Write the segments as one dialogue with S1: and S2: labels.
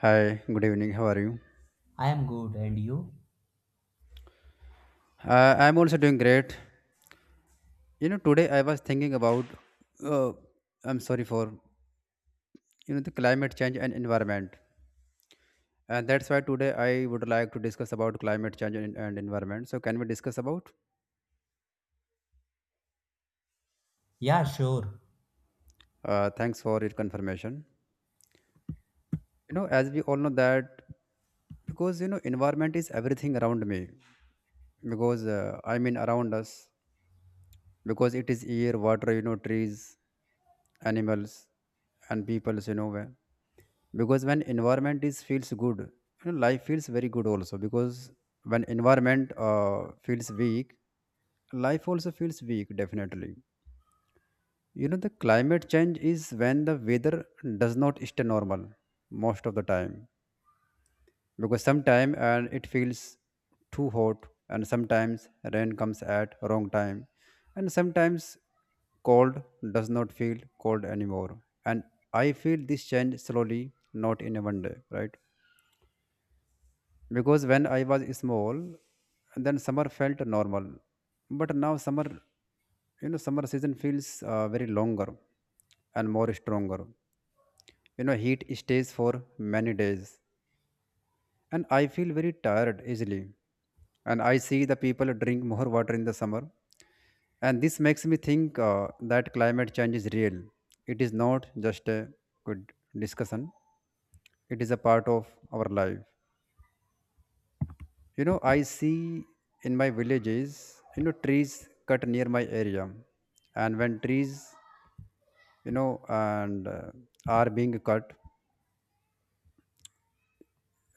S1: Hi, good evening. How are you?
S2: I am good, and you?
S1: I'm also doing great. You know, today I was thinking about, uh, I'm sorry for, the climate change and environment. And that's why today I would like to discuss about climate change and environment. So can we discuss about?
S2: Yeah, sure.
S1: Thanks for your confirmation. You know, as we all know that because you know environment is everything around me because I mean around us because it is air, water, you know, trees, animals, and peoples, because when environment is feels good, you know, life feels very good also because when environment feels weak, life also feels weak definitely. You know, the climate change is when the weather does not stay normal most of the time because sometimes and it feels too hot, and sometimes rain comes at wrong time, and sometimes cold does not feel cold anymore. And I feel this change slowly, not in a one day, right? Because when I was small, then summer felt normal, but now summer, you know, summer season feels very longer and more stronger. You know, heat stays for many days, and I feel very tired easily. And I see the people drink more water in the summer, and this makes me think that climate change is real. It is not just a good discussion; it is a part of our life. You know, I see in my villages, you know, trees cut near my area, and when trees, you know, and are being cut,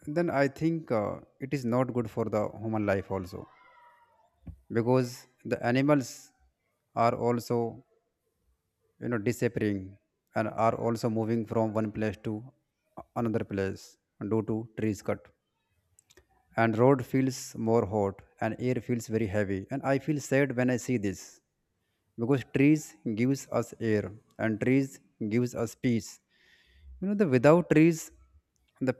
S1: then I think it is not good for the human life also. Because the animals are also, you know, disappearing, and are also moving from one place to another place due to trees cut, and road feels more hot, and air feels very heavy, and I feel sad when I see this because trees gives us air, and trees gives us peace. You know, the without trees, the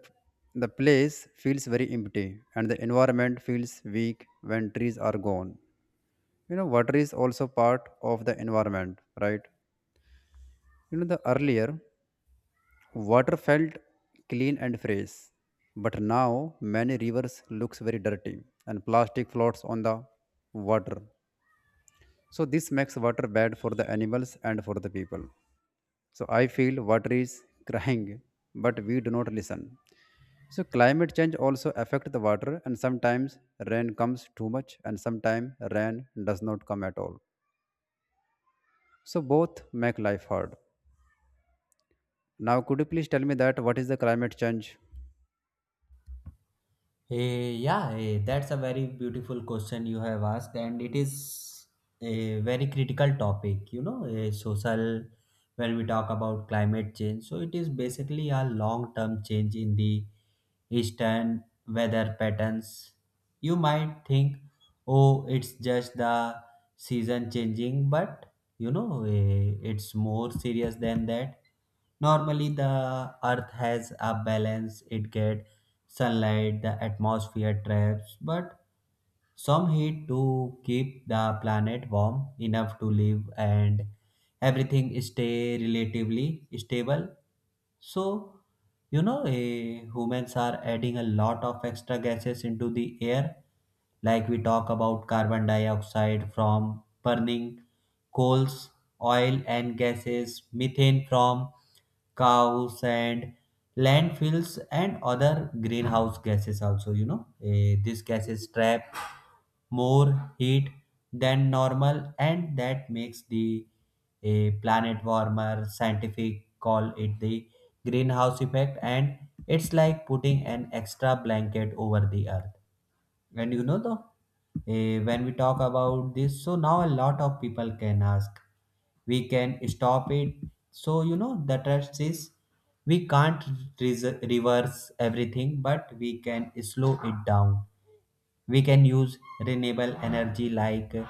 S1: the place feels very empty, and the environment feels weak when trees are gone. You know, water is also part of the environment, right? You know, the earlier water felt clean and fresh, but now many rivers looks very dirty, and plastic floats on the water. So this makes water bad for the animals and for the people. So I feel water is crying, but we do not listen. So climate change also affect the water, and sometimes rain comes too much, and sometimes rain does not come at all. So both make life hard. Now, could you please tell me that what is the climate change?
S2: Yeah, that's a very beautiful question you have asked, and it is a very critical topic. You know, a social when we talk about climate change, so it is basically a long-term change in the eastern weather patterns. You might think, oh, it's just the season changing, but you know, it's more serious than that. Normally the earth has a balance, it get sunlight, the atmosphere traps but some heat to keep the planet warm enough to live, and everything stay relatively stable. So you know, humans are adding a lot of extra gases into the air, like we talk about carbon dioxide from burning coals, oil and gases, methane from cows and landfills and other greenhouse gases also, you know. These gases trap more heat than normal, and that makes the a planet warmer. Scientific call it the greenhouse effect, and it's like putting an extra blanket over the earth. And you know, though when we talk about this, so now a lot of people can ask, we can stop it? So you know the trust is we can't reverse everything, but we can slow it down. We can use renewable energy like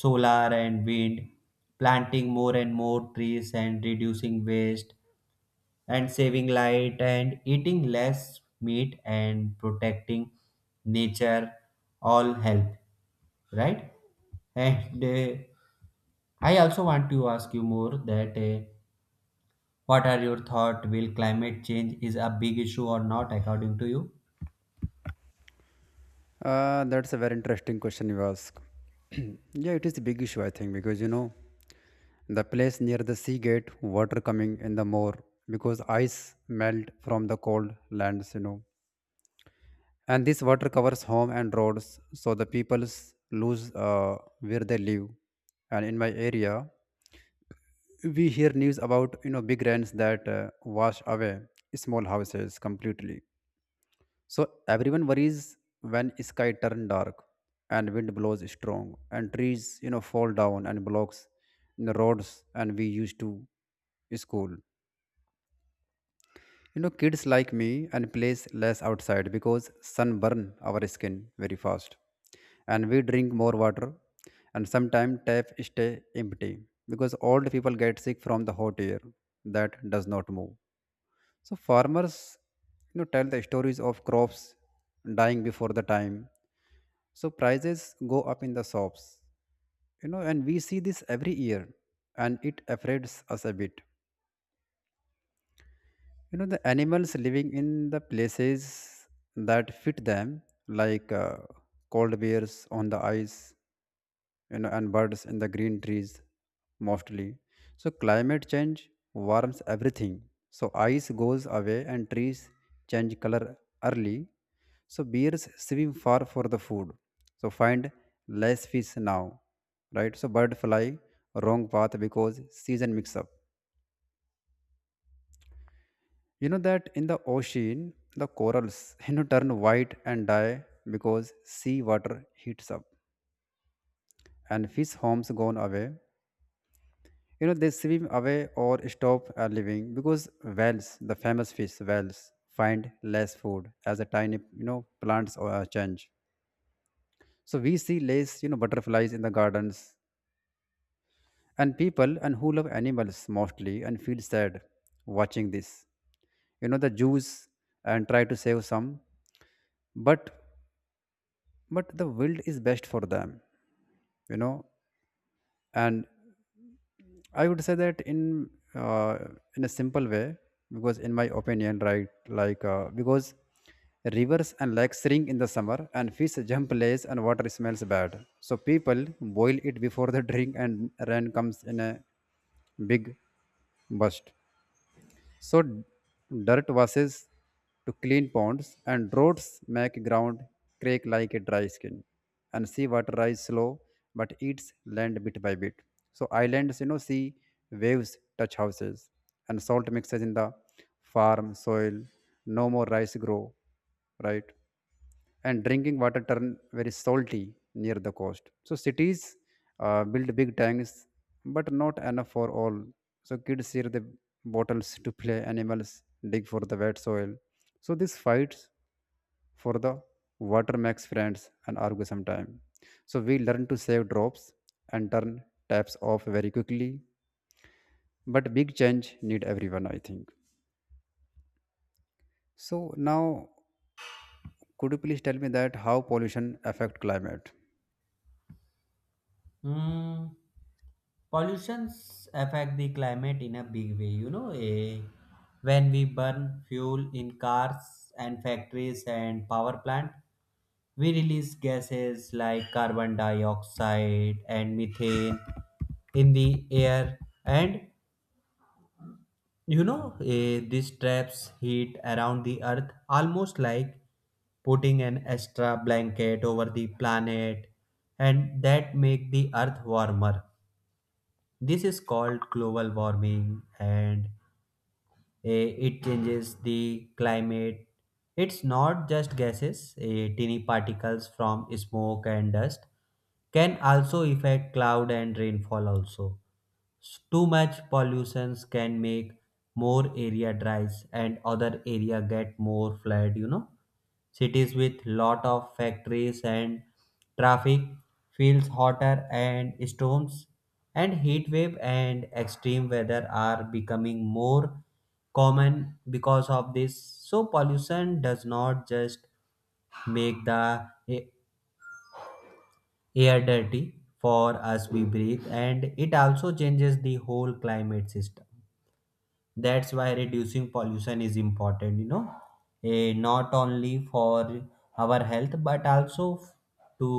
S2: solar and wind, planting more and more trees, and reducing waste, and saving light, and eating less meat, and protecting nature, all help, right? And I also want to ask you more that what are your thought, will climate change is a big issue or not according to you?
S1: That's a very interesting question you ask. Yeah, it is a big issue, I think, because you know, the place near the sea gate, water coming in the more because ice melt from the cold lands, you know, and this water covers home and roads, so the peoples lose where they live. And in my area, we hear news about, you know, big rains that wash away small houses completely. So everyone worries when sky turn dark and wind blows strong and trees, you know, fall down and blocks the roads and we used to school. You know, kids like me and plays less outside because sun burn our skin very fast. And we drink more water, and sometimes tap stay empty because old people get sick from the hot air that does not move. So farmers, you know, tell the stories of crops dying before the time, so prices go up in the shops, you know, and we see this every year, and it affects us a bit. You know, the animals living in the places that fit them, like cold bears on the ice, you know, and birds in the green trees mostly. So climate change warms everything. So ice goes away, and trees change color early. So bears swim far for the food. So find less fish now, right? So bird fly wrong path because season mix up. You know that in the ocean, the corals you know turn white and die because sea water heats up and fish homes gone away. You know, they swim away or stop living because whales, the famous fish whales, find less food as the tiny, you know, plants change. So we see less, you know, butterflies in the gardens, and people and who love animals mostly and feel sad watching this. You know, the Jews and try to save some, but the wild is best for them. You know, and I would say that uh, in a simple way, because in my opinion, right, like because rivers and lakes shrink in the summer, and fish jump less, and water smells bad. So people boil it before they drink, and rain comes in a big burst. So dirt washes to clean ponds and roads, make ground crack like a dry skin. And seawater rise slow but eats land bit by bit. So islands, you know, see waves touch houses, and salt mixes in the farm soil. No more rice grow, right? And drinking water turn very salty near the coast. So cities build big tanks, but not enough for all. So kids share the bottles to play, animals dig for the wet soil. So these fights for the water makes friends and argue sometime. So we learn to save drops and turn taps off very quickly. But big change need everyone, I think. So now, could you please tell me that how pollution affect climate?
S2: Hmm. Pollutions affect the climate in a big way, you know. When we burn fuel in cars and factories and power plant, we release gases like carbon dioxide and methane in the air. And you know, this traps heat around the earth, almost like putting an extra blanket over the planet, and that make the earth warmer. This is called global warming, and it changes the climate. It's not just gases, tiny particles from smoke and dust can also affect cloud and rainfall also. Too much pollution can make more area dries and other area get more flood, you know. Cities with lot of factories and traffic feels hotter, and storms and heat wave and extreme weather are becoming more common because of this. So pollution does not just make the air dirty for us we breathe, and it also changes the whole climate system. That's why reducing pollution is important, you know. Not only for our health but also to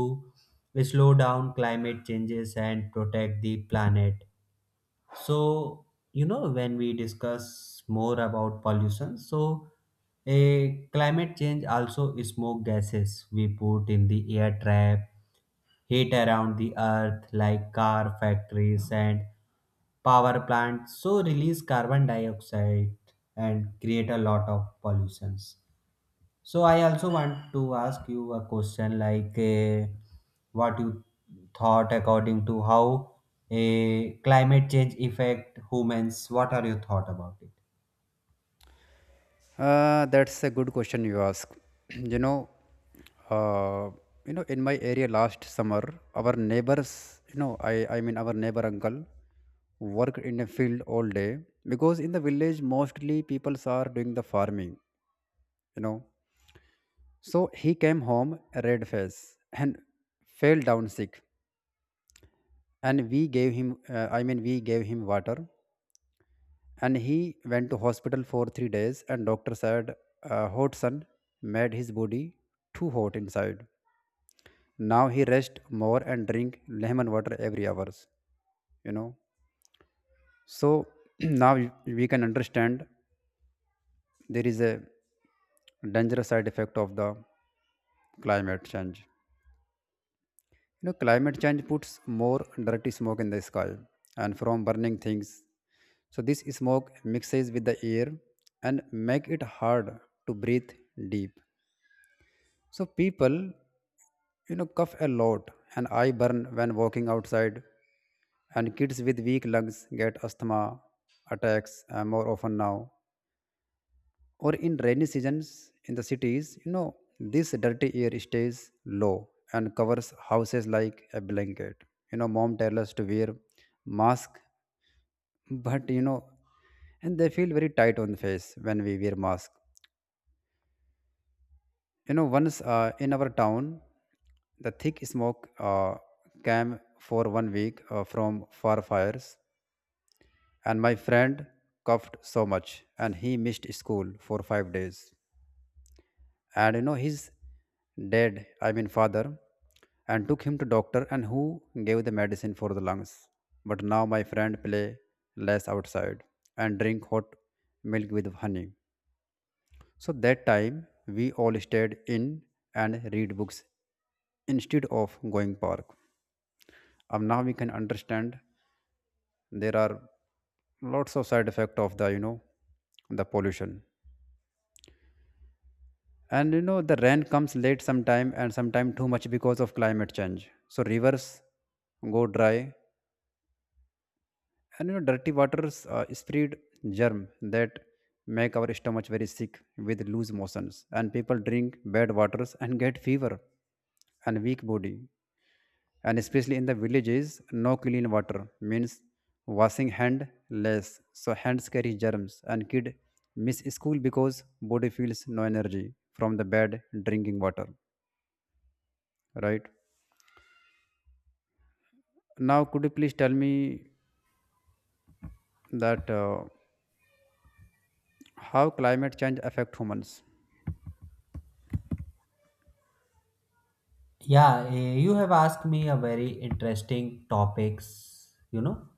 S2: slow down climate changes and protect the planet. So, you know, when we discuss more about pollution, so a climate change also smoke gases we put in the air trap heat around the earth, like car factories and power plants, so release carbon dioxide and create a lot of pollutions. So I also want to ask you a question like what you thought according to how a climate change affect humans. What are your thought about it?
S1: That's a good question you ask. You know, uh, in my area last summer, our neighbors, you know, I mean our neighbor uncle, worked in a field all day because in the village mostly people are doing the farming. You know, so he came home a red face and fell down sick, and we gave him, I mean we gave him water, and he went to hospital for 3 days, and doctor said a hot sun made his body too hot inside. Now he rest more and drink lemon water every hours, you know. So now we can understand there is a dangerous side effect of the climate change. You know, climate change puts more dirty smoke in the sky and from burning things. So this smoke mixes with the air and make it hard to breathe deep. So people, you know, cough a lot, and I burn when walking outside, and kids with weak lungs get asthma attacks more often now. Or in rainy seasons in the cities, you know, this dirty air stays low and covers houses like a blanket. You know, mom tells us to wear mask, but you know, and they feel very tight on the face when we wear mask. You know, once in our town, the thick smoke came for one week from far fires, and my friend coughed so much, and he missed school for 5 days. And you know, his I mean father, and took him to doctor, and who gave the medicine for the lungs. But now my friend play less outside and drink hot milk with honey. So that time we all stayed in and read books instead of going park. Now we can understand there are lots of side effect of the, you know, the pollution. And you know the rain comes late sometime and sometime too much because of climate change, so rivers go dry. And you know dirty waters spread germ that make our stomach very sick with loose motions, and people drink bad waters and get fever and weak body. And especially in the villages no clean water means washing hand less, so hands carry germs, and kid miss school because body feels no energy from the bad drinking water, right? Now could you please tell me that how climate change affect humans?
S2: Yeah, you have asked me a very interesting topics, you know,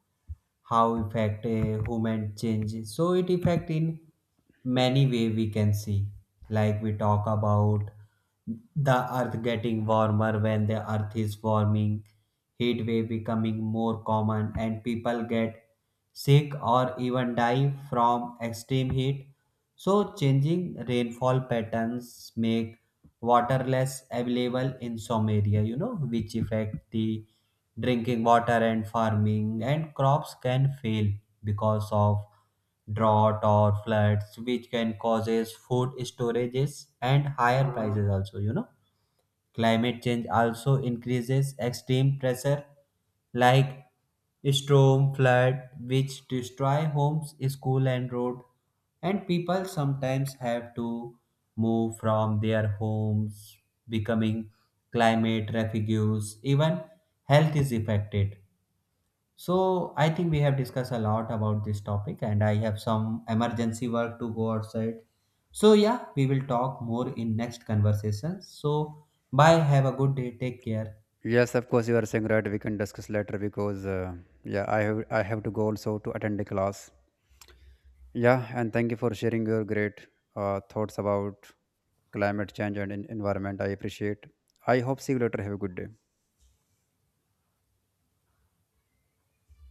S2: how effect a human change. So it effect in many way we can see. Like we talk about the earth getting warmer. When the earth is warming, heat wave becoming more common, and people get sick or even die from extreme heat. So changing rainfall patterns make water less available in some area, you know, which affect the drinking water and farming, and crops can fail because of drought or floods, which can causes food storages and higher prices also, you know. Climate change also increases extreme pressure like storm, flood, which destroy homes, school, and road. And people sometimes have to move from their homes, becoming climate refugees. Even health is affected. So I think we have discussed a lot about this topic, and I have some emergency work to go outside. So yeah, we will talk more in next conversation. So bye, have a good day, take care.
S1: Yes, of course, you are saying right, we can discuss later because yeah, I have to go also to attend the class. Yeah, and thank you for sharing your great thoughts about climate change and environment. I appreciate. I hope see you later. Have a good day.